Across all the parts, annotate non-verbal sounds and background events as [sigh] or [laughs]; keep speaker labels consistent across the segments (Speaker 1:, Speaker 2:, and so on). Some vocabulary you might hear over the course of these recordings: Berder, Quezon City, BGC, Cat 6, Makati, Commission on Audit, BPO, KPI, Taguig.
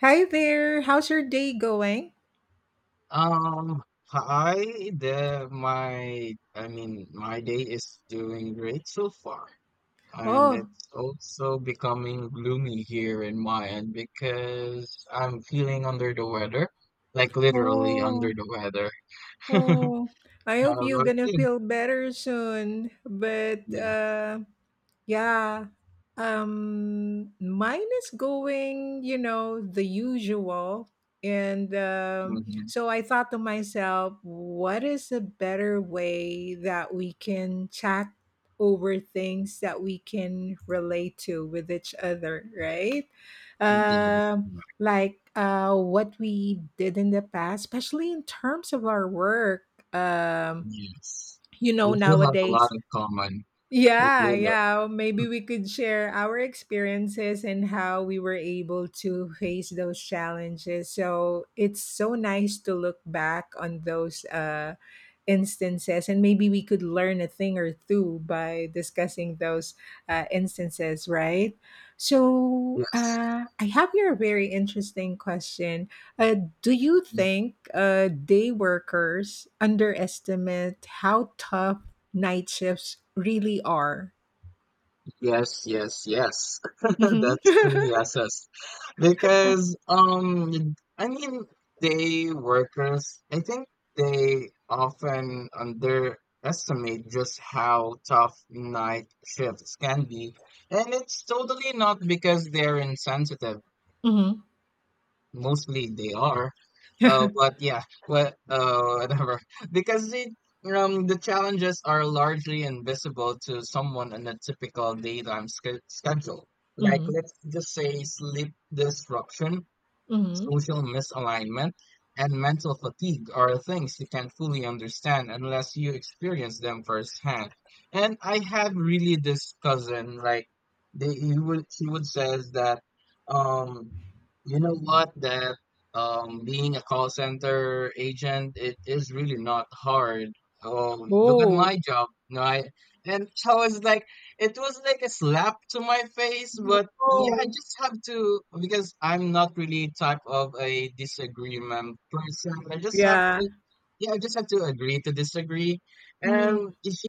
Speaker 1: Hi there. How's your day going?
Speaker 2: Um, Hi, the my I mean my day is doing great so far, and
Speaker 1: Oh,
Speaker 2: it's also becoming gloomy here in my end because I'm feeling under the weather, like literally under
Speaker 1: oh,
Speaker 2: the weather. [laughs]
Speaker 1: oh. I hope
Speaker 2: How
Speaker 1: you're
Speaker 2: about
Speaker 1: gonna
Speaker 2: you?
Speaker 1: feel better soon. But
Speaker 2: Yeah.
Speaker 1: Yeah. Mine is going, you know, the usual. And
Speaker 2: Mm-hmm.
Speaker 1: so I thought to myself, what is a better way that we can chat over things that we can relate to with each other, right?
Speaker 2: That is
Speaker 1: Um
Speaker 2: correct.
Speaker 1: like what we did in the past, especially in terms of our work. Um
Speaker 2: Yes.
Speaker 1: you
Speaker 2: We
Speaker 1: know
Speaker 2: do have a lot
Speaker 1: nowadays
Speaker 2: in common. We
Speaker 1: yeah,
Speaker 2: do, though.
Speaker 1: yeah. Maybe we could share our experiences and how we were able to face those challenges. So it's so nice to look back on those instances, and maybe we could learn a thing or two by discussing those instances, right?
Speaker 2: Yes.
Speaker 1: I have here a very interesting question. Uh, do you think day workers underestimate how tough night shifts really are?
Speaker 2: Yes, yes, yes. [laughs]
Speaker 1: Mm-hmm.
Speaker 2: That's three assessed. Because I mean day workers, I think they often underestimate just how tough night shifts can be. And it's totally not because they're insensitive,
Speaker 1: [laughs] Hmm.
Speaker 2: mostly they are.
Speaker 1: Hmm.
Speaker 2: But yeah, whatever. [laughs] Because it, the challenges are largely invisible to someone on a typical daytime schedule. Like let's just say sleep disruption,
Speaker 1: Hmm.
Speaker 2: social misalignment, and mental fatigue are things you can't fully understand unless you experience them firsthand. And I had really this cousin, like they he would she would says that um you know what, that being a call center agent, it is really not hard.
Speaker 1: [laughs]
Speaker 2: Oh, look at
Speaker 1: Whoa.
Speaker 2: my job, right? And so I was like, it was like a slap to my face, but yeah, I
Speaker 1: Whoa.
Speaker 2: just have to because I'm not really type of a disagreement person. I just have
Speaker 1: Yeah.
Speaker 2: to, yeah, I just have to agree to disagree. And
Speaker 1: Hmm.
Speaker 2: if she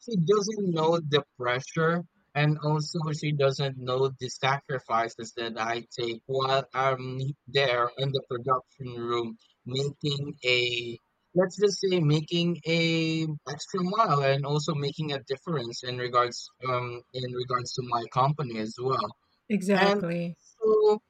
Speaker 2: she doesn't know the pressure, and also she doesn't know the sacrifices that I take while I'm there in the production room making a, let's just say, making a extra mile and also making a difference in regards to my company as well. And
Speaker 1: Exactly.
Speaker 2: so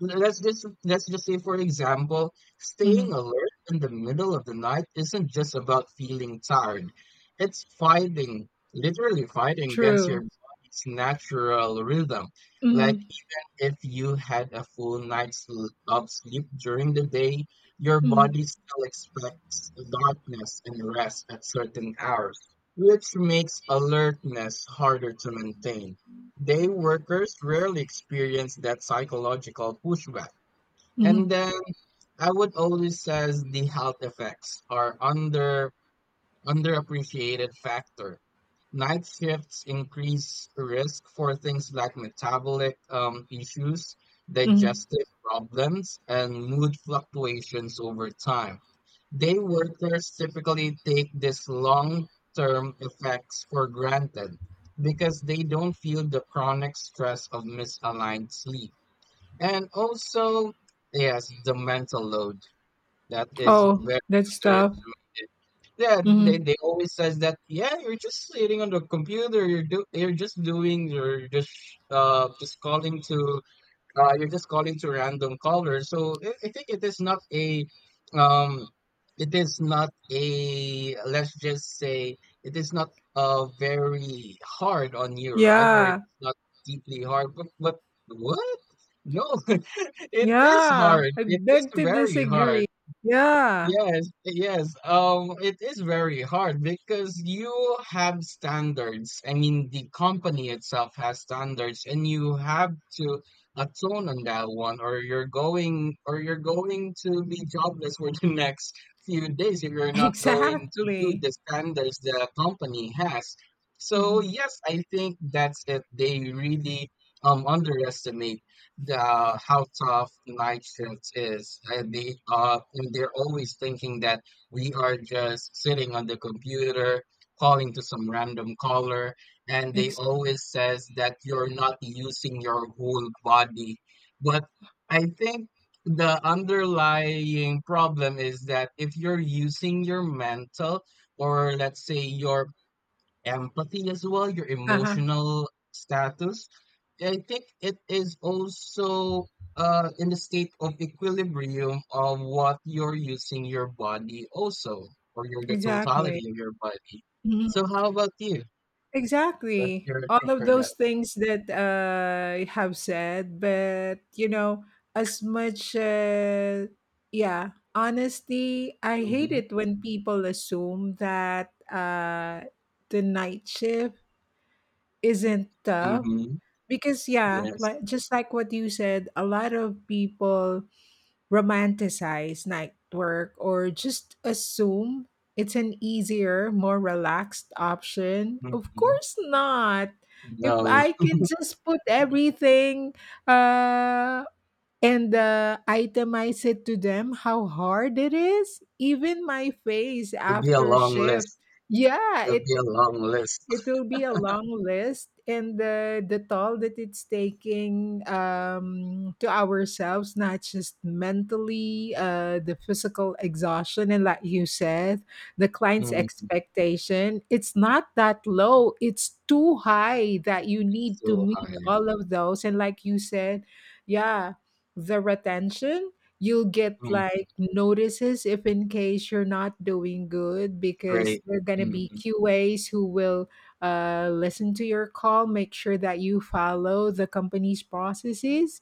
Speaker 2: let's just say, for example, staying
Speaker 1: Hmm.
Speaker 2: alert in the middle of the night isn't just about feeling tired. It's fighting, literally fighting against your
Speaker 1: True.
Speaker 2: body's natural rhythm. Like
Speaker 1: Hmm.
Speaker 2: if you had a full night's of sleep during the day, your
Speaker 1: Hmm.
Speaker 2: body still expects darkness and rest at certain hours, which makes alertness harder to maintain. Day workers rarely experience that psychological pushback. And
Speaker 1: Hmm.
Speaker 2: then I would always says the health effects are underappreciated factor. Night shifts increase risk for things like metabolic issues,
Speaker 1: Hmm.
Speaker 2: digestive problems, and mood fluctuations over time. Day workers typically take these long term effects for granted because they don't feel the chronic stress of misaligned sleep. And also, yes, the mental load. That is
Speaker 1: Oh,
Speaker 2: very
Speaker 1: that stuff.
Speaker 2: underestimated. Yeah, they,
Speaker 1: Hmm.
Speaker 2: they always says that, yeah, you're just sitting on the computer, you're do you're just doing you're just calling to you're just calling to random callers. So I think it is not a um it is not a, let's just say, it is not very hard on you, right? Or
Speaker 1: Yeah.
Speaker 2: it's not deeply hard, but what? No, [laughs] it is
Speaker 1: Yeah,
Speaker 2: hard.
Speaker 1: I
Speaker 2: It is
Speaker 1: beg to
Speaker 2: very hard.
Speaker 1: disagree. Yeah.
Speaker 2: Yes, yes. It is very hard because you have standards. I mean, the company itself has standards, and you have to atone on that one, or you're going to be jobless for [laughs] the next few days if you're
Speaker 1: [laughs]
Speaker 2: not going to do
Speaker 1: Exactly.
Speaker 2: the standards the company has. So
Speaker 1: Hmm.
Speaker 2: yes, I think that's it. They really underestimate the how tough the night shifts is, and they're always thinking that we are just sitting on the computer calling to some random caller, and they
Speaker 1: Ex-
Speaker 2: always says that you're not using your whole body, but I think the underlying problem is that if you're using your mental, or let's say your empathy as well, your
Speaker 1: uh-huh.
Speaker 2: emotional status. I think it is also in the state of equilibrium of what you're using your body also, or your the
Speaker 1: Exactly.
Speaker 2: totality of your body. So how about you? What's
Speaker 1: Exactly,
Speaker 2: your
Speaker 1: all
Speaker 2: take
Speaker 1: of
Speaker 2: for that
Speaker 1: those
Speaker 2: one?
Speaker 1: things that you have said, but you know, as much, uh, yeah, honestly, I hate
Speaker 2: Mm-hmm.
Speaker 1: it when people assume that the night shift isn't tough
Speaker 2: Mm-hmm.
Speaker 1: because, yeah,
Speaker 2: Yes.
Speaker 1: like just like what you said, a lot of people romanticize night work or just assume it's an easier, more relaxed option. Of
Speaker 2: Mm-hmm.
Speaker 1: course not. If
Speaker 2: No,
Speaker 1: I can just put everything uh, and itemize it to them, how hard it is, even my face
Speaker 2: it'll be a
Speaker 1: after
Speaker 2: long
Speaker 1: shift.
Speaker 2: list.
Speaker 1: Yeah,
Speaker 2: It'll
Speaker 1: it
Speaker 2: be a long list.
Speaker 1: it will be a long list, and the toll that it's taking to ourselves, not just mentally, the physical exhaustion, and like you said, the client's
Speaker 2: Mm-hmm.
Speaker 1: expectation. It's not that low; it's too high that you need to
Speaker 2: So
Speaker 1: meet
Speaker 2: high.
Speaker 1: all of those. And like you said, yeah, the retention. You'll get
Speaker 2: Mm,
Speaker 1: like notices if in case you're not doing good because
Speaker 2: great.
Speaker 1: there are gonna be
Speaker 2: Mm-hmm.
Speaker 1: QAs who will listen to your call, make sure that you follow the company's processes,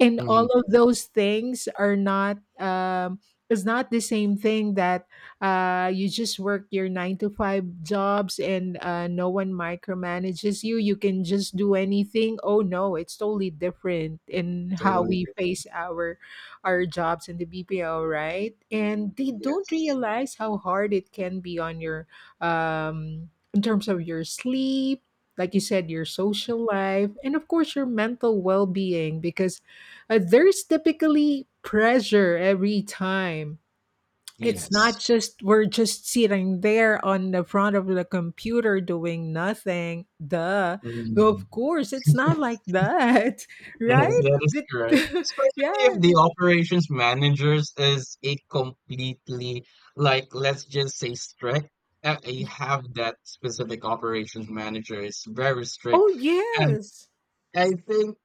Speaker 1: and all
Speaker 2: Mm-hmm.
Speaker 1: of those things are not, is not the same thing that you just work your 9 to 5 jobs and no one micromanages you. You can just do anything. Oh no, it's totally different in how
Speaker 2: Totally
Speaker 1: we
Speaker 2: different.
Speaker 1: face our jobs in the BPO, right? And they don't
Speaker 2: Yes.
Speaker 1: realize how hard it can be on your, in terms of your sleep, like you said, your social life, and of course your mental well-being, because there's typically pressure every time. It's not
Speaker 2: Yes.
Speaker 1: just we're just sitting there on the front of the computer doing nothing. Duh. Well, of
Speaker 2: Mm.
Speaker 1: course, it's not like that, [laughs]
Speaker 2: Yes,
Speaker 1: right?
Speaker 2: that is
Speaker 1: The-
Speaker 2: correct.
Speaker 1: [laughs]
Speaker 2: Especially if
Speaker 1: yeah.
Speaker 2: the operations managers is a completely, like let's just say, strict. You have that specific operations manager is very
Speaker 1: Oh,
Speaker 2: strict, and
Speaker 1: yes.
Speaker 2: I think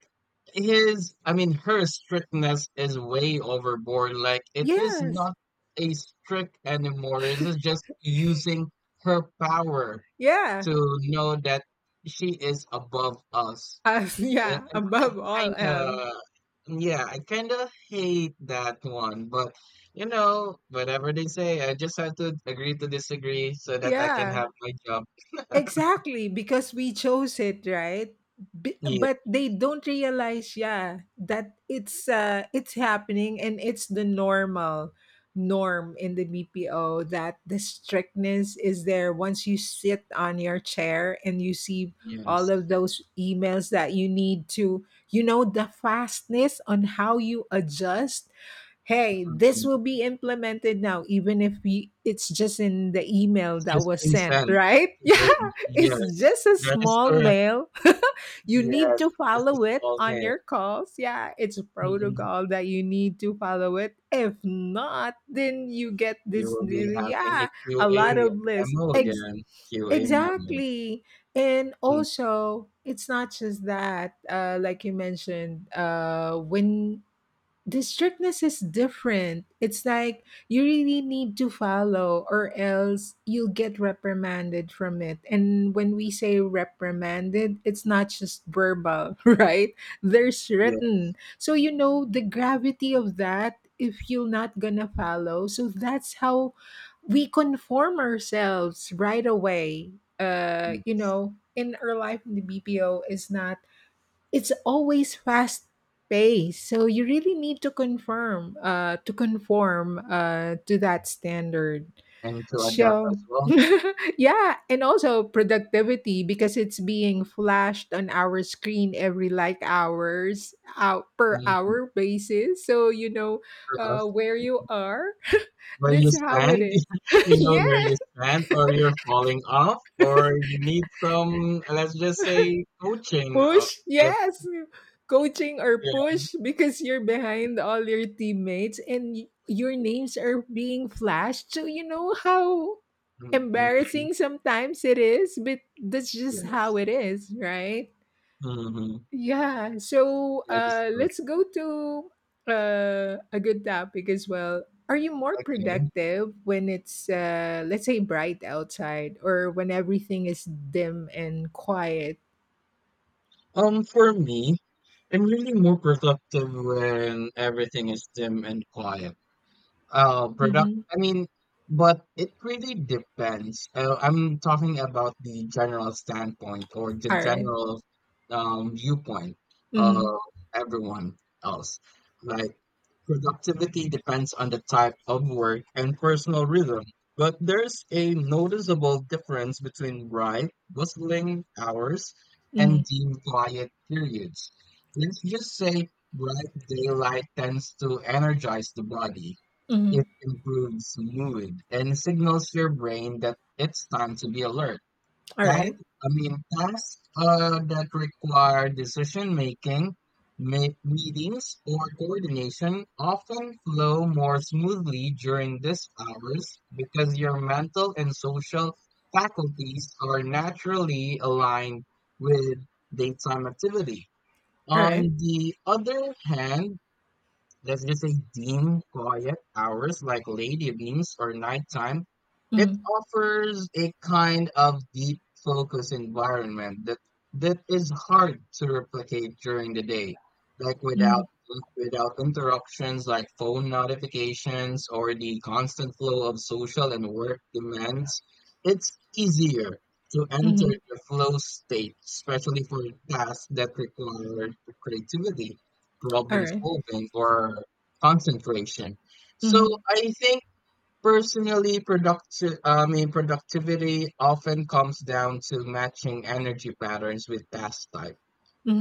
Speaker 2: her strictness is way overboard. Like it is
Speaker 1: Yes.
Speaker 2: not a strict anymore. It is just using her power
Speaker 1: Yeah.
Speaker 2: to know that she is above us.
Speaker 1: [laughs]
Speaker 2: Yeah,
Speaker 1: Yeah.
Speaker 2: and I
Speaker 1: Above all else.
Speaker 2: kinda, yeah, I kinda hate that one, but you know, whatever they say, I just have to agree to disagree so that I can
Speaker 1: Yeah.
Speaker 2: have my job.
Speaker 1: Exactly, because we chose it, right? B-
Speaker 2: Yeah,
Speaker 1: but they don't realize, yeah, that it's it's happening and it's the normal norm in the BPO, that the strictness is there once you sit on your chair and you see all
Speaker 2: yes.
Speaker 1: of those emails that you need to, you know, the fastness on how you adjust. Hey, this
Speaker 2: Mhm.
Speaker 1: will be implemented now even if we it's just in the email
Speaker 2: It's
Speaker 1: that
Speaker 2: just
Speaker 1: was
Speaker 2: been
Speaker 1: sent,
Speaker 2: sent
Speaker 1: right? [laughs] Yeah,
Speaker 2: today.
Speaker 1: it's
Speaker 2: Yes,
Speaker 1: just a
Speaker 2: that is
Speaker 1: small
Speaker 2: correct.
Speaker 1: mail. [laughs] You need
Speaker 2: Yes,
Speaker 1: to
Speaker 2: just a
Speaker 1: follow it
Speaker 2: small
Speaker 1: on
Speaker 2: mail.
Speaker 1: your calls. Yeah, it's a
Speaker 2: Mhm.
Speaker 1: protocol that you need to follow it. If not, then you get
Speaker 2: You
Speaker 1: this,
Speaker 2: will be having a
Speaker 1: yeah, a lot
Speaker 2: QA
Speaker 1: of lists.
Speaker 2: memo
Speaker 1: Ex-
Speaker 2: again. QA memo.
Speaker 1: Exactly. And
Speaker 2: Mm,
Speaker 1: also, it's not just that, like you mentioned, when the strictness is different. It's like you really need to follow, or else you'll get reprimanded from it. And when we say reprimanded, it's not just verbal, [laughs] right? There's
Speaker 2: yeah,
Speaker 1: written. So you know the gravity of that if you're not gonna follow. So that's how we conform ourselves right away.
Speaker 2: mm.
Speaker 1: You know, in our life in the BPO, is not it's always fast paced, so you really need to confirm to conform to that standard,
Speaker 2: And to adapt
Speaker 1: so
Speaker 2: as well.
Speaker 1: [laughs] yeah. And also productivity, because it's being flashed on our screen every like hours out per
Speaker 2: Mhm.
Speaker 1: hour basis, so you know
Speaker 2: For us.
Speaker 1: where you are. [laughs]
Speaker 2: Where you
Speaker 1: That's how it
Speaker 2: stand,
Speaker 1: is.
Speaker 2: [laughs] you
Speaker 1: [laughs]
Speaker 2: know where
Speaker 1: Yeah.
Speaker 2: you stand, or you're falling off, or you need some, let's just say, coaching.
Speaker 1: Push,
Speaker 2: If,
Speaker 1: yes. Coaching or
Speaker 2: Yeah,
Speaker 1: push, because you're behind all your teammates and y- your names
Speaker 2: yes.
Speaker 1: are being flashed. So you know how
Speaker 2: Mm-hmm.
Speaker 1: embarrassing sometimes it is, but that's just
Speaker 2: Yes.
Speaker 1: how it is, right?
Speaker 2: Mm-hmm.
Speaker 1: Yeah.
Speaker 2: That is correct.
Speaker 1: Let's go to a good topic as well. Are you more
Speaker 2: Okay.
Speaker 1: productive when it's, let's say, bright outside or when everything is dim and quiet?
Speaker 2: For me, I'm really more productive when everything is dim and quiet. Product.
Speaker 1: Mhm.
Speaker 2: I mean, but it really depends. I'm talking about the general standpoint or the
Speaker 1: All right.
Speaker 2: general viewpoint of
Speaker 1: Mm-hmm.
Speaker 2: everyone else. Like, productivity depends on the type of work and personal rhythm, but there's a noticeable difference between bright, bustling hours and
Speaker 1: Mhm,
Speaker 2: deep, quiet periods. Let's just say bright daylight tends to energize the body,
Speaker 1: mhm.
Speaker 2: it improves mood and signals your brain that it's time to be alert. That,
Speaker 1: Alright,
Speaker 2: I mean, tasks that require decision making, meetings, or coordination often flow more smoothly during these hours because your mental and social faculties are naturally aligned with daytime activity. On
Speaker 1: alright.
Speaker 2: the other hand, let's just say dim, quiet hours like late evenings or nighttime. It
Speaker 1: Mm,
Speaker 2: offers a kind of deep focus environment that is hard to replicate during the day, like
Speaker 1: mm,
Speaker 2: without interruptions like phone notifications or the constant flow of social and work demands. It's easier to enter
Speaker 1: mhm.
Speaker 2: the flow state, especially for tasks that require creativity, problem
Speaker 1: Alright.
Speaker 2: solving, or concentration. So
Speaker 1: Mhm,
Speaker 2: I think personally, I mean, productivity often comes down to matching energy patterns with task type.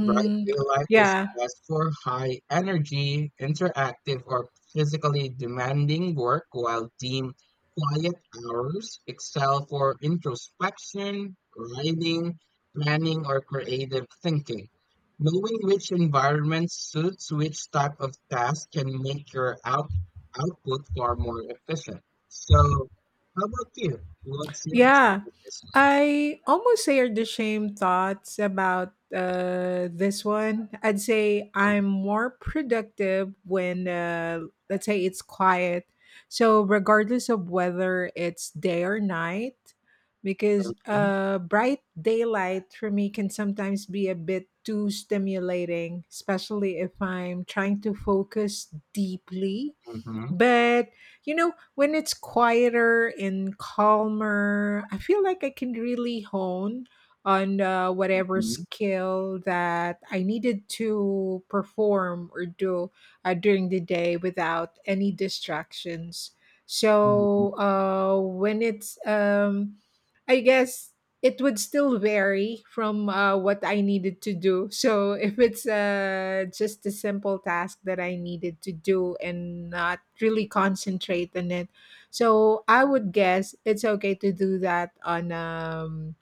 Speaker 2: Bright blue light is
Speaker 1: Yeah.
Speaker 2: best for high energy, interactive, or physically demanding work, while dim, quiet hours excel for introspection, writing, planning, or creative thinking. Knowing which environment suits which type of task can make your output far more efficient. So, how about you? What's your
Speaker 1: Yeah,
Speaker 2: take on this
Speaker 1: I almost shared the same thoughts about this one. I'd say I'm more productive when, let's say, it's quiet. So, regardless of whether it's day or night, because
Speaker 2: one?
Speaker 1: bright daylight for me can sometimes be a bit too stimulating, especially if I'm trying to focus deeply,
Speaker 2: Mm-hmm,
Speaker 1: but, you know, when it's quieter and calmer, I feel like I can really hone on whatever
Speaker 2: hmm,
Speaker 1: skill that I needed to perform or do during the day without any distractions.
Speaker 2: hmm.
Speaker 1: So, I guess it would still vary from what I needed to do. So if it's just a simple task that I needed to do and not really concentrate on it, so I would guess it's okay to do that on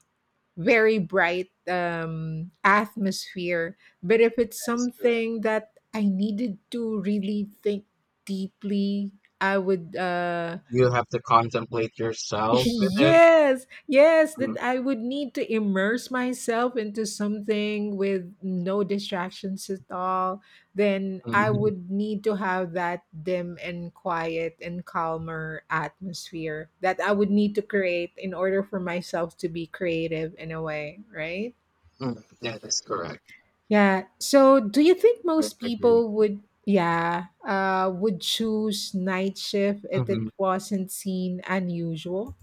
Speaker 1: very bright atmosphere. But if it's
Speaker 2: That is,
Speaker 1: something that I needed to really think deeply, I would.
Speaker 2: you have to contemplate yourself with it.
Speaker 1: Yes, yes,
Speaker 2: Mm,
Speaker 1: that I would need to immerse myself into something with no distractions at all. Then
Speaker 2: mhm,
Speaker 1: I
Speaker 2: mm,
Speaker 1: would need to have that dim and quiet and calmer atmosphere that I would need to create in order for myself to be creative in a way, right?
Speaker 2: mm. That is correct.
Speaker 1: Yeah. So, do you think
Speaker 2: I
Speaker 1: most
Speaker 2: agree with
Speaker 1: people
Speaker 2: you.
Speaker 1: would, yeah, would choose night shift if it
Speaker 2: Mhm.
Speaker 1: wasn't seen unusual?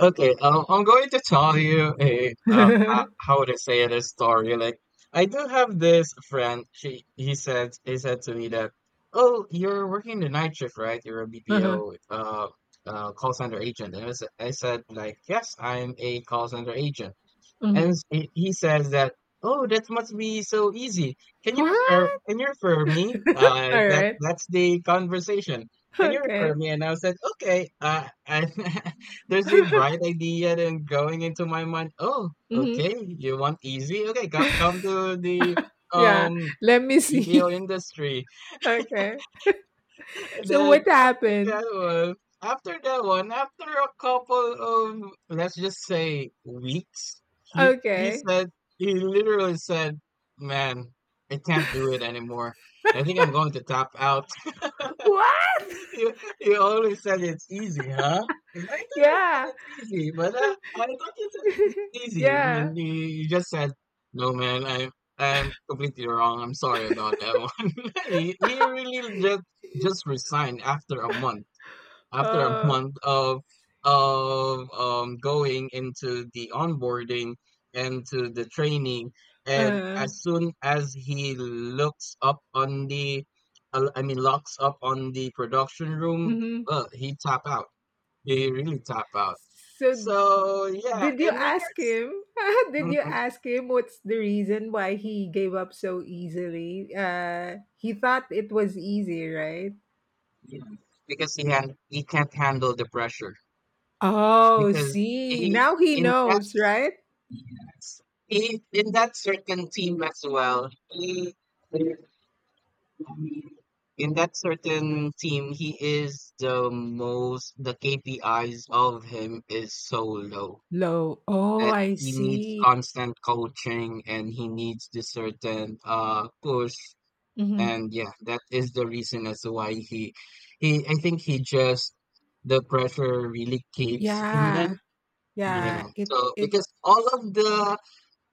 Speaker 2: Okay, I'm going to tell you a
Speaker 1: [laughs] Uh-huh.
Speaker 2: how to say this story. Like, I do have this friend. She he said He said to me that, "Oh, you're working the night shift, right? You're a BPO call center agent." And I said like, "Yes, I'm a call center agent." And
Speaker 1: Mhm.
Speaker 2: he says that, "Oh, that must be so easy. Can you refer?
Speaker 1: What?
Speaker 2: Can you refer me? That
Speaker 1: Alright.
Speaker 2: that's the conversation. Can you refer
Speaker 1: Okay.
Speaker 2: me?" And I said, "Okay." And [laughs] there's a bright
Speaker 1: [laughs]
Speaker 2: idea then going into my mind. Oh,
Speaker 1: Mhm.
Speaker 2: okay. You want easy? Okay, come to the
Speaker 1: Yeah.
Speaker 2: um
Speaker 1: Let me
Speaker 2: BPO
Speaker 1: see. [laughs]
Speaker 2: industry.
Speaker 1: Okay.
Speaker 2: And
Speaker 1: So
Speaker 2: then
Speaker 1: what
Speaker 2: after
Speaker 1: happened?
Speaker 2: that one, after that one, after a couple of, let's just say, weeks, he he
Speaker 1: Okay.
Speaker 2: said he literally said, "Man, I can't do it anymore. I think I'm going to tap out."
Speaker 1: What?
Speaker 2: You you always said it's easy, huh? And I thought you said
Speaker 1: Yeah.
Speaker 2: it's easy, I thought you said it's
Speaker 1: [laughs]
Speaker 2: easy,
Speaker 1: Yeah.
Speaker 2: and
Speaker 1: [laughs]
Speaker 2: you just said, "No, man, I'm completely wrong. I'm sorry about that one." [laughs] He really just resigned after a month, after a
Speaker 1: Oh.
Speaker 2: month of going into the onboarding and to the training, and
Speaker 1: Uh.
Speaker 2: as soon as he looks up on the I mean locks up on the production room,
Speaker 1: Mhm.
Speaker 2: uh, he tap out he really tap out.
Speaker 1: So
Speaker 2: So yeah,
Speaker 1: did you
Speaker 2: in
Speaker 1: ask
Speaker 2: regards.
Speaker 1: him? [laughs] Did
Speaker 2: Mhm,
Speaker 1: you ask him what's the reason why he gave up so easily? He thought it was easy, right?
Speaker 2: yeah. Because he can't handle the pressure
Speaker 1: Oh,
Speaker 2: because
Speaker 1: see.
Speaker 2: he
Speaker 1: Now he
Speaker 2: in that
Speaker 1: knows, right?
Speaker 2: yes. He in that certain team as well. He in that certain team, he is the most. The KPIs of him is so low
Speaker 1: Low. Oh,
Speaker 2: that
Speaker 1: I
Speaker 2: he needs
Speaker 1: see.
Speaker 2: constant coaching and he needs the certain push.
Speaker 1: Mhm.
Speaker 2: And yeah, that is the reason as to why he he. I think he just the pressure really keeps him in.
Speaker 1: Yeah.
Speaker 2: Yeah.
Speaker 1: Yeah. It
Speaker 2: So
Speaker 1: it
Speaker 2: because all of the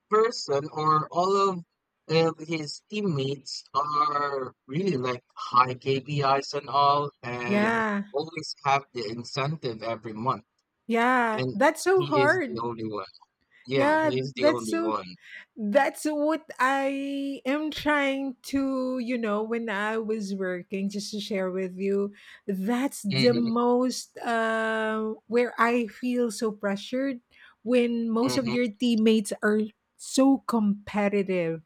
Speaker 2: person or all of his teammates are really like high KPIs and all, and
Speaker 1: yeah.
Speaker 2: always have the incentive every month.
Speaker 1: Yeah.
Speaker 2: And
Speaker 1: That's so
Speaker 2: he is the
Speaker 1: hard.
Speaker 2: only one. Yeah,
Speaker 1: Yeah,
Speaker 2: he is the
Speaker 1: that's
Speaker 2: only
Speaker 1: so,
Speaker 2: one.
Speaker 1: that's what I am trying to, you know, when I was working, just to share with you, that's the
Speaker 2: Hmm.
Speaker 1: most where I feel so pressured when most of
Speaker 2: Mm-hmm.
Speaker 1: your teammates are so competitive.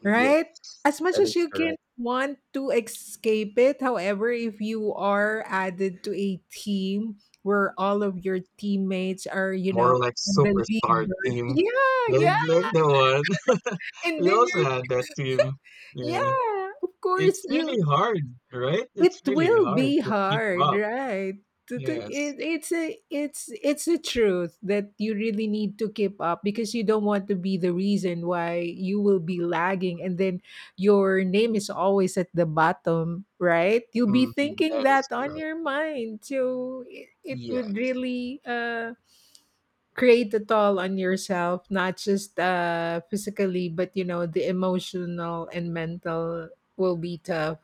Speaker 2: Yeah,
Speaker 1: Right? As much
Speaker 2: that
Speaker 1: as
Speaker 2: is
Speaker 1: you can
Speaker 2: correct.
Speaker 1: want to escape it, however, if you are added to a team where all of your teammates are, you know,
Speaker 2: More like
Speaker 1: on the lead
Speaker 2: superstar
Speaker 1: bird.
Speaker 2: team,
Speaker 1: Yeah, yeah.
Speaker 2: like the one [laughs]
Speaker 1: And
Speaker 2: we
Speaker 1: then
Speaker 2: also
Speaker 1: you're
Speaker 2: had that team. Yeah,
Speaker 1: yeah, of
Speaker 2: it's
Speaker 1: course
Speaker 2: really
Speaker 1: you,
Speaker 2: hard, right? It's
Speaker 1: it
Speaker 2: really
Speaker 1: will
Speaker 2: hard
Speaker 1: be
Speaker 2: to keep
Speaker 1: hard,
Speaker 2: up.
Speaker 1: right? To-
Speaker 2: Yes,
Speaker 1: it, it's a it's it's a truth that you really need to keep up, because you don't want to be the reason why you will be lagging, and then your name is always at the bottom, right? You'll be
Speaker 2: hmm,
Speaker 1: thinking
Speaker 2: that is
Speaker 1: that on
Speaker 2: correct.
Speaker 1: your mind, so it would
Speaker 2: Yes,
Speaker 1: really create a toll on yourself, not just physically but you know the emotional and mental will be tough.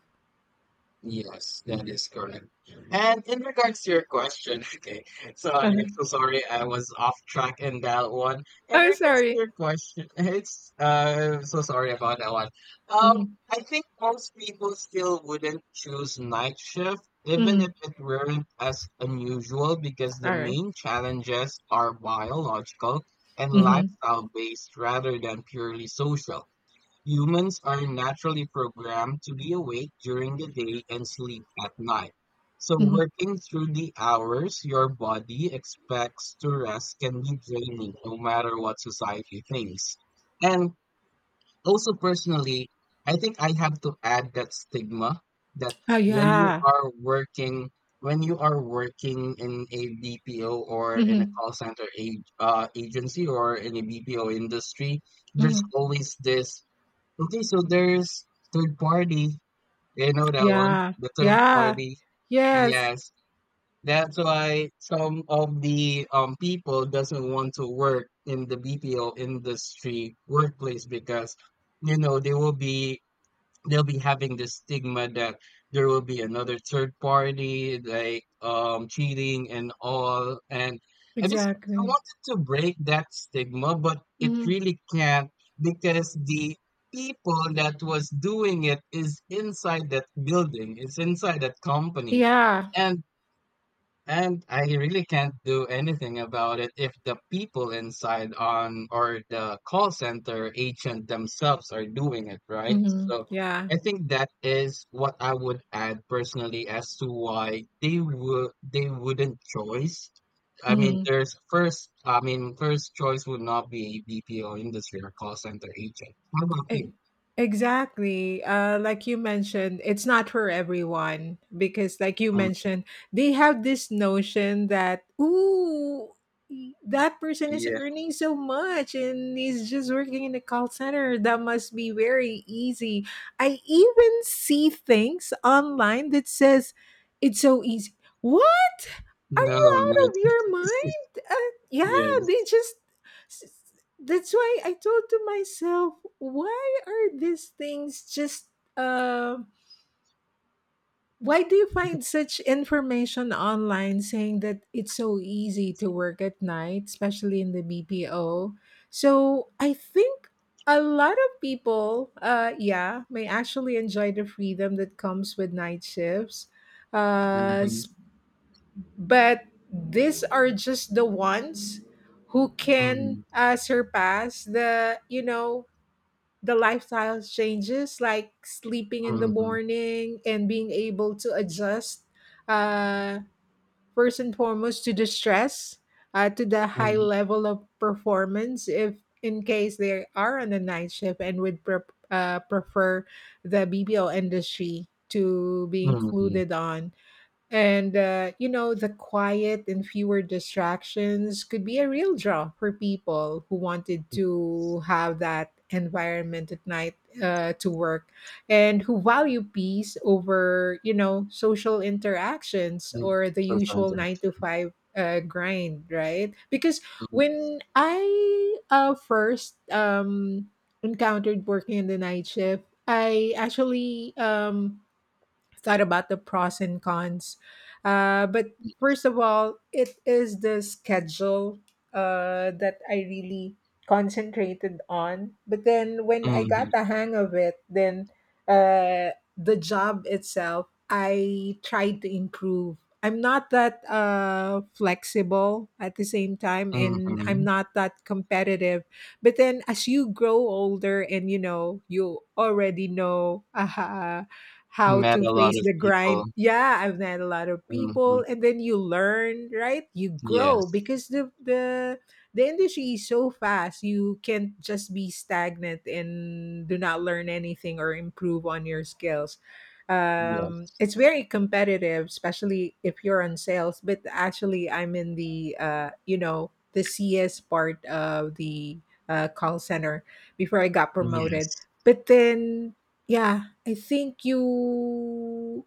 Speaker 2: yes, that is correct. And in regards to your question, [laughs] okay, so I'm so sorry I was off track in that one.
Speaker 1: [laughs]
Speaker 2: In
Speaker 1: I'm
Speaker 2: regards to
Speaker 1: sorry.
Speaker 2: your question, [laughs] it's so sorry about that one.
Speaker 1: Mhm.
Speaker 2: I think most people still wouldn't choose night shift, even if
Speaker 1: Mhm.
Speaker 2: it weren't as unusual, because the
Speaker 1: Alright.
Speaker 2: main challenges are biological and
Speaker 1: Mhm.
Speaker 2: lifestyle based rather than purely social. Humans are naturally programmed to be awake during the day and sleep at night. So,
Speaker 1: Mhm.
Speaker 2: working through the hours your body expects to rest can be draining no matter what society thinks. And also, personally, I think I have to add that stigma that
Speaker 1: Oh,
Speaker 2: when you
Speaker 1: yeah.
Speaker 2: are working, when you are working in a BPO or in a
Speaker 1: Mhm.
Speaker 2: call center agency or in a BPO industry, there's
Speaker 1: Mhm.
Speaker 2: always this. Okay, so there's third party. You know that one?
Speaker 1: Yeah.
Speaker 2: The third
Speaker 1: Yeah.
Speaker 2: party.
Speaker 1: Yes.
Speaker 2: Yes. That's why some of the people doesn't want to work in the BPO industry workplace because you know they will be, they'll be having this stigma that there will be another third party like cheating and all. And I just I
Speaker 1: Exactly.
Speaker 2: wanted to break that stigma but it
Speaker 1: Mhm.
Speaker 2: really can't, because the people that was doing it is inside that building, is inside that company.
Speaker 1: Yeah.
Speaker 2: and and I really can't do anything about it if the people inside on or the call center agent themselves are doing it, right?
Speaker 1: Mhm.
Speaker 2: So
Speaker 1: Yeah.
Speaker 2: I think that is what I would add personally as to why they would, they wouldn't choice. I mean,
Speaker 1: Mhm.
Speaker 2: there's first, I mean, first choice would not be BPO industry or call center agent. How about you?
Speaker 1: E- Exactly. Like you mentioned, it's not for everyone because, like you
Speaker 2: Um,
Speaker 1: mentioned, they have this notion that, ooh, that person is
Speaker 2: yeah,
Speaker 1: earning so much and he's just working in a call center. That must be very easy. I even see things online that says it's so easy. What? Are
Speaker 2: no,
Speaker 1: you
Speaker 2: no,
Speaker 1: out of your
Speaker 2: it's,
Speaker 1: mind?
Speaker 2: [laughs]
Speaker 1: Yeah,
Speaker 2: yes,
Speaker 1: they just, that's why I told to myself, why are these things just um why do you find such information online saying that it's so easy
Speaker 2: it's,
Speaker 1: to work at night, especially in the BPO? So I think a lot of people, yeah, may actually enjoy the freedom that comes with night shifts. Uh,
Speaker 2: hmm
Speaker 1: s- but these are just the ones who can
Speaker 2: hmm
Speaker 1: surpass, the you know the lifestyle changes like sleeping in the morning and being able to adjust uh, first and foremost to the stress, to the high
Speaker 2: hmm
Speaker 1: level of performance if in case they are on the night shift and would prefer the BPO industry to be
Speaker 2: Mhm,
Speaker 1: included on, and, you know, the quiet and fewer distractions could be a real draw for people who wanted to have that environment at night to work and who value peace over, you know, social interactions
Speaker 2: mhm,
Speaker 1: or the usual nine to
Speaker 2: $500.
Speaker 1: five grind, right? Because
Speaker 2: Mm,
Speaker 1: when I first encountered working in the night shift, I actually thought about the pros and cons. But
Speaker 2: y
Speaker 1: first of all, it is the schedule that I really concentrated on. But then when I got
Speaker 2: mhm,
Speaker 1: the hang of it, then uh, the job itself, I tried to improve. I'm not that flexible at the same time, and I'm
Speaker 2: mhm.
Speaker 1: not that competitive, but then as you grow older and you know you already know [laughs] how
Speaker 2: Met
Speaker 1: to
Speaker 2: a lot
Speaker 1: face
Speaker 2: of
Speaker 1: the
Speaker 2: people.
Speaker 1: grind. Yeah, I've met a lot of
Speaker 2: Mhm.
Speaker 1: people and then you learn, right? You grow
Speaker 2: Yes.
Speaker 1: because the the industry is so fast. You can't just be stagnant and do not learn anything or improve on your skills.
Speaker 2: Yes.
Speaker 1: It's very competitive, especially if you're on sales. But actually, I'm in the the CS part of the call center before I got promoted.
Speaker 2: Yes.
Speaker 1: But then, yeah, I think you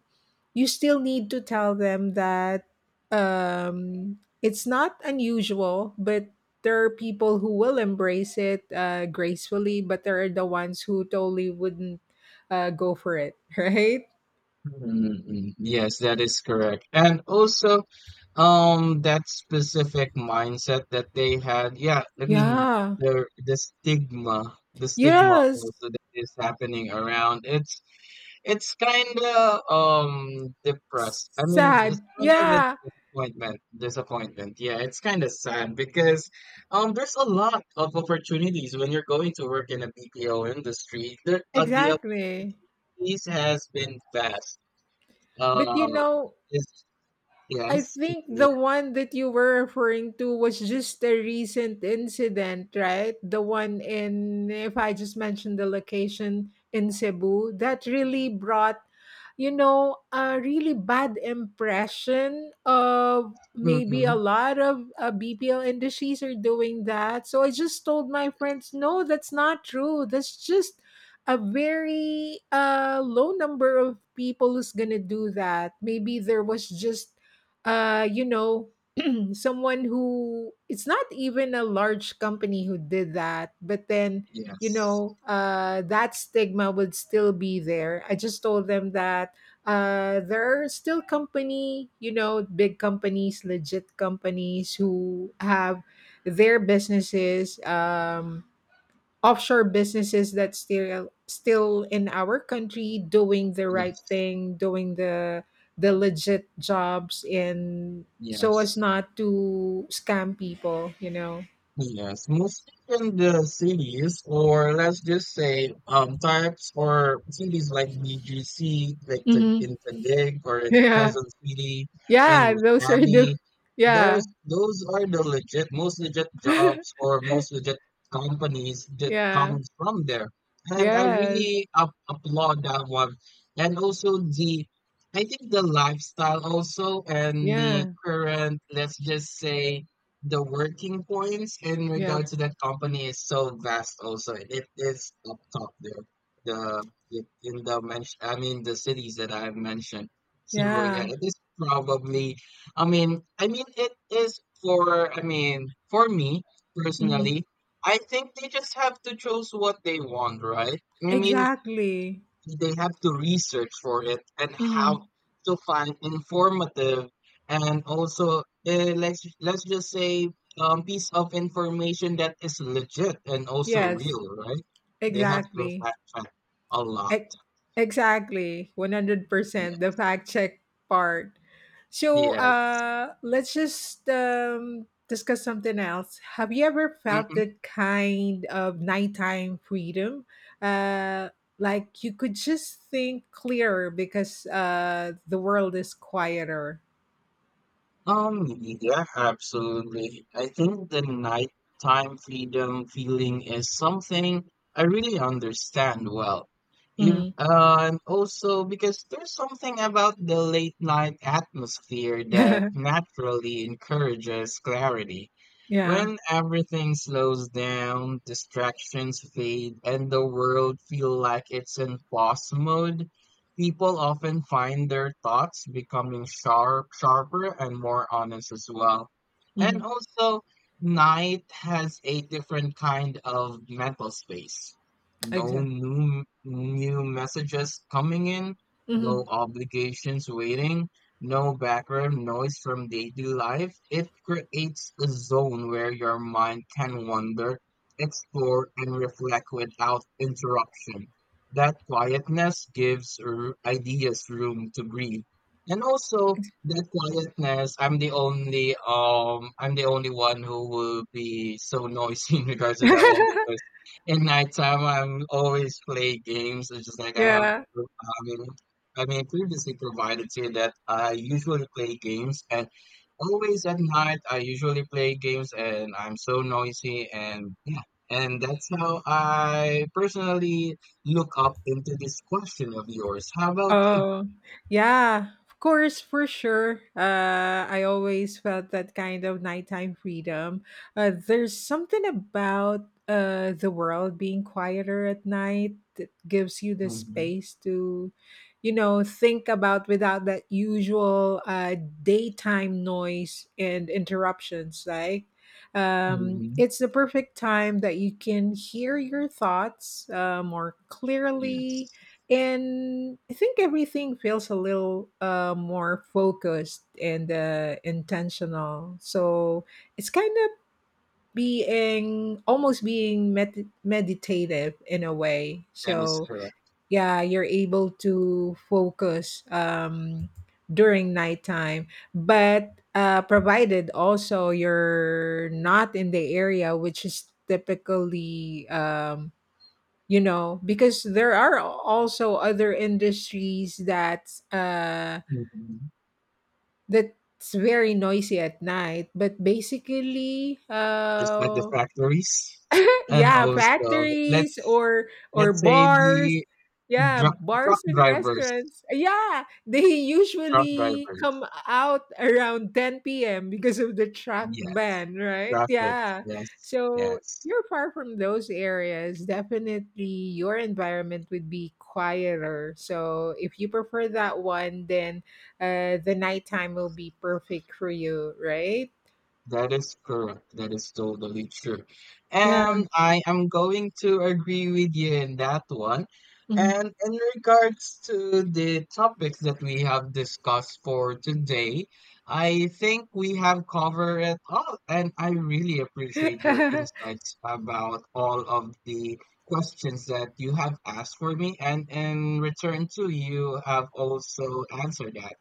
Speaker 1: you still need to tell them that it's not unusual, but there are people who will embrace it gracefully, but there are the ones who totally wouldn't go for it, [laughs] right?
Speaker 2: Mm-mm. Yes, that is correct. And also, that specific mindset that they had, yeah, I mean,
Speaker 1: Yeah.
Speaker 2: the stigma, the stigma
Speaker 1: Yes.
Speaker 2: also that is happening around, it's kind of depressed. I mean, it's
Speaker 1: Sad.
Speaker 2: kind of a
Speaker 1: Yeah.
Speaker 2: disappointment. Disappointment. Yeah, it's kind of sad because there's a lot of opportunities when you're going to work in a BPO industry. There, the
Speaker 1: Exactly.
Speaker 2: opportunities has been vast.
Speaker 1: But you
Speaker 2: Uh,
Speaker 1: know,
Speaker 2: yes,
Speaker 1: I
Speaker 2: yes,
Speaker 1: think
Speaker 2: continue.
Speaker 1: the one that you were referring to was just a recent incident, right? The one in, if I just mentioned the location in Cebu, that really brought, you know, a really bad impression of maybe a
Speaker 2: hmm
Speaker 1: lot of BPL industries are doing that. So I just told my friends, no, that's not true. That's just a very low number of people who's going to do that. Maybe there was just uh you know [clears throat] someone who, it's not even a large company, who did that, but then you
Speaker 2: Yes,
Speaker 1: know that stigma would still be there. I just told them that there are still company, you know, big companies, legit companies who have their businesses offshore businesses that still in our country, doing the right
Speaker 2: yes,
Speaker 1: thing, doing the legit jobs, and so
Speaker 2: yes.
Speaker 1: as not to scam people, you know.
Speaker 2: Yes, mostly in the cities, or let's just say types or cities like BGC, like the,
Speaker 1: Hmm.
Speaker 2: in Taguig or
Speaker 1: [laughs]
Speaker 2: in
Speaker 1: Yeah,
Speaker 2: Quezon City and
Speaker 1: yeah, those are the,
Speaker 2: Makati.
Speaker 1: yeah.
Speaker 2: There's those are the legit, most legit jobs
Speaker 1: [laughs]
Speaker 2: or most legit companies that
Speaker 1: Yeah.
Speaker 2: comes from there, and I
Speaker 1: Yes.
Speaker 2: really up, applaud that one. And also the, I think the lifestyle also and the
Speaker 1: Yeah.
Speaker 2: current, let's just say the working points in
Speaker 1: Yep.
Speaker 2: regard to that company is so vast also, it is up top there, the in the mention, I mean the cities that I've mentioned. So yeah,
Speaker 1: Yeah.
Speaker 2: it is probably, i mean it is for, I mean for me
Speaker 1: Mhm.
Speaker 2: personally, I think they just have to choose what they want, right? I mean
Speaker 1: Exactly.
Speaker 2: they have to research for it and how
Speaker 1: Mhm.
Speaker 2: to find informative and also, let's just say piece of information that is legit and also
Speaker 1: Yes.
Speaker 2: real, right? They have to
Speaker 1: Exactly.
Speaker 2: fact check a lot.
Speaker 1: Ex- Exactly,
Speaker 2: Yeah.
Speaker 1: 100%, the fact check part. So,
Speaker 2: Yes.
Speaker 1: let's just discuss something else. Have you ever felt
Speaker 2: Mm-hmm.
Speaker 1: that kind of nighttime freedom? Uh, like you could just think clearer because the world is quieter.
Speaker 2: Um, yeah, absolutely. I think the nighttime freedom feeling is something I really understand well. If,
Speaker 1: Mhm.
Speaker 2: and also because there's something about the late night atmosphere that
Speaker 1: [laughs]
Speaker 2: naturally encourages clarity.
Speaker 1: Yeah.
Speaker 2: When everything slows down, distractions fade, and the world feel like it's in pause mode, people often find their thoughts becoming sharper and more honest as well.
Speaker 1: Hmm.
Speaker 2: And also, night has a different kind of mental space. No
Speaker 1: Exactly.
Speaker 2: new messages coming in, no
Speaker 1: Hmm.
Speaker 2: obligations waiting, no background noise from daily life. It creates a zone where your mind can wander, explore, and reflect without interruption. That quietness gives ideas room to breathe. And also that quietness, I'm the only one who will be so noisy [laughs] in regards to that one,
Speaker 1: [laughs]
Speaker 2: because in nighttime I'm always play games. It's just like I have,
Speaker 1: Yeah.
Speaker 2: I mean I mean previously provided to you that I usually play games, and always at night I usually play games and I'm so noisy. And yeah, and that's how I personally look up into this question of yours. How about you?
Speaker 1: Oh, yeah, of course, for sure. I always felt that kind of nighttime freedom. There's something about the world being quieter at night that gives you the
Speaker 2: hmm
Speaker 1: space to, you know, think about without that usual daytime noise and interruptions. Like,
Speaker 2: hmm
Speaker 1: it's the perfect time that you can hear your thoughts more clearly,
Speaker 2: Yes,
Speaker 1: and I think everything feels a little more focused and intentional. So it's kind of being almost being meditative in a way.
Speaker 2: that is
Speaker 1: So
Speaker 2: correct.
Speaker 1: yeah, you're able to focus during nighttime, but provided also you're not in the area which is typically you know, because there are also other industries that
Speaker 2: Mhm.
Speaker 1: that's very noisy at night, but basically
Speaker 2: Just like the factories, and
Speaker 1: yeah,
Speaker 2: also
Speaker 1: factories
Speaker 2: let's
Speaker 1: or
Speaker 2: let's say
Speaker 1: bars.
Speaker 2: the
Speaker 1: Yeah,
Speaker 2: truck truck
Speaker 1: bars and
Speaker 2: drivers,
Speaker 1: restaurants. Yeah, they
Speaker 2: truck
Speaker 1: usually
Speaker 2: drivers.
Speaker 1: come out around 10 p.m. because of the truck
Speaker 2: Yes,
Speaker 1: ban, right?
Speaker 2: traffic.
Speaker 1: Yeah.
Speaker 2: Yes,
Speaker 1: So
Speaker 2: yes.
Speaker 1: you're far from those areas. Definitely your environment would be quieter. So if you prefer that one, then the nighttime will be perfect for you, right?
Speaker 2: That is correct. That is totally true.
Speaker 1: Yeah.
Speaker 2: And I am going to agree with you in that one.
Speaker 1: Mhm.
Speaker 2: And in regards to the topics that we have discussed for today, I think we have covered it all. And I really appreciate your
Speaker 1: [laughs]
Speaker 2: insights about all of the questions that you have asked for me. And in return, too, you have also answered that.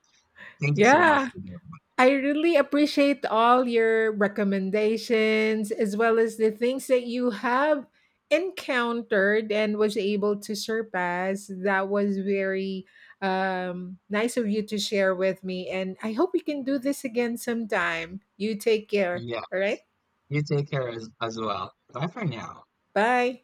Speaker 2: Thank you so much
Speaker 1: Yeah.
Speaker 2: for that.
Speaker 1: I really appreciate all your recommendations as well as the things that you have encountered and was able to surpass. That was very nice of you to share with me. And I hope we can do this again sometime. You take care.
Speaker 2: Yeah.
Speaker 1: All right.
Speaker 2: You take care as well. Bye for now.
Speaker 1: Bye.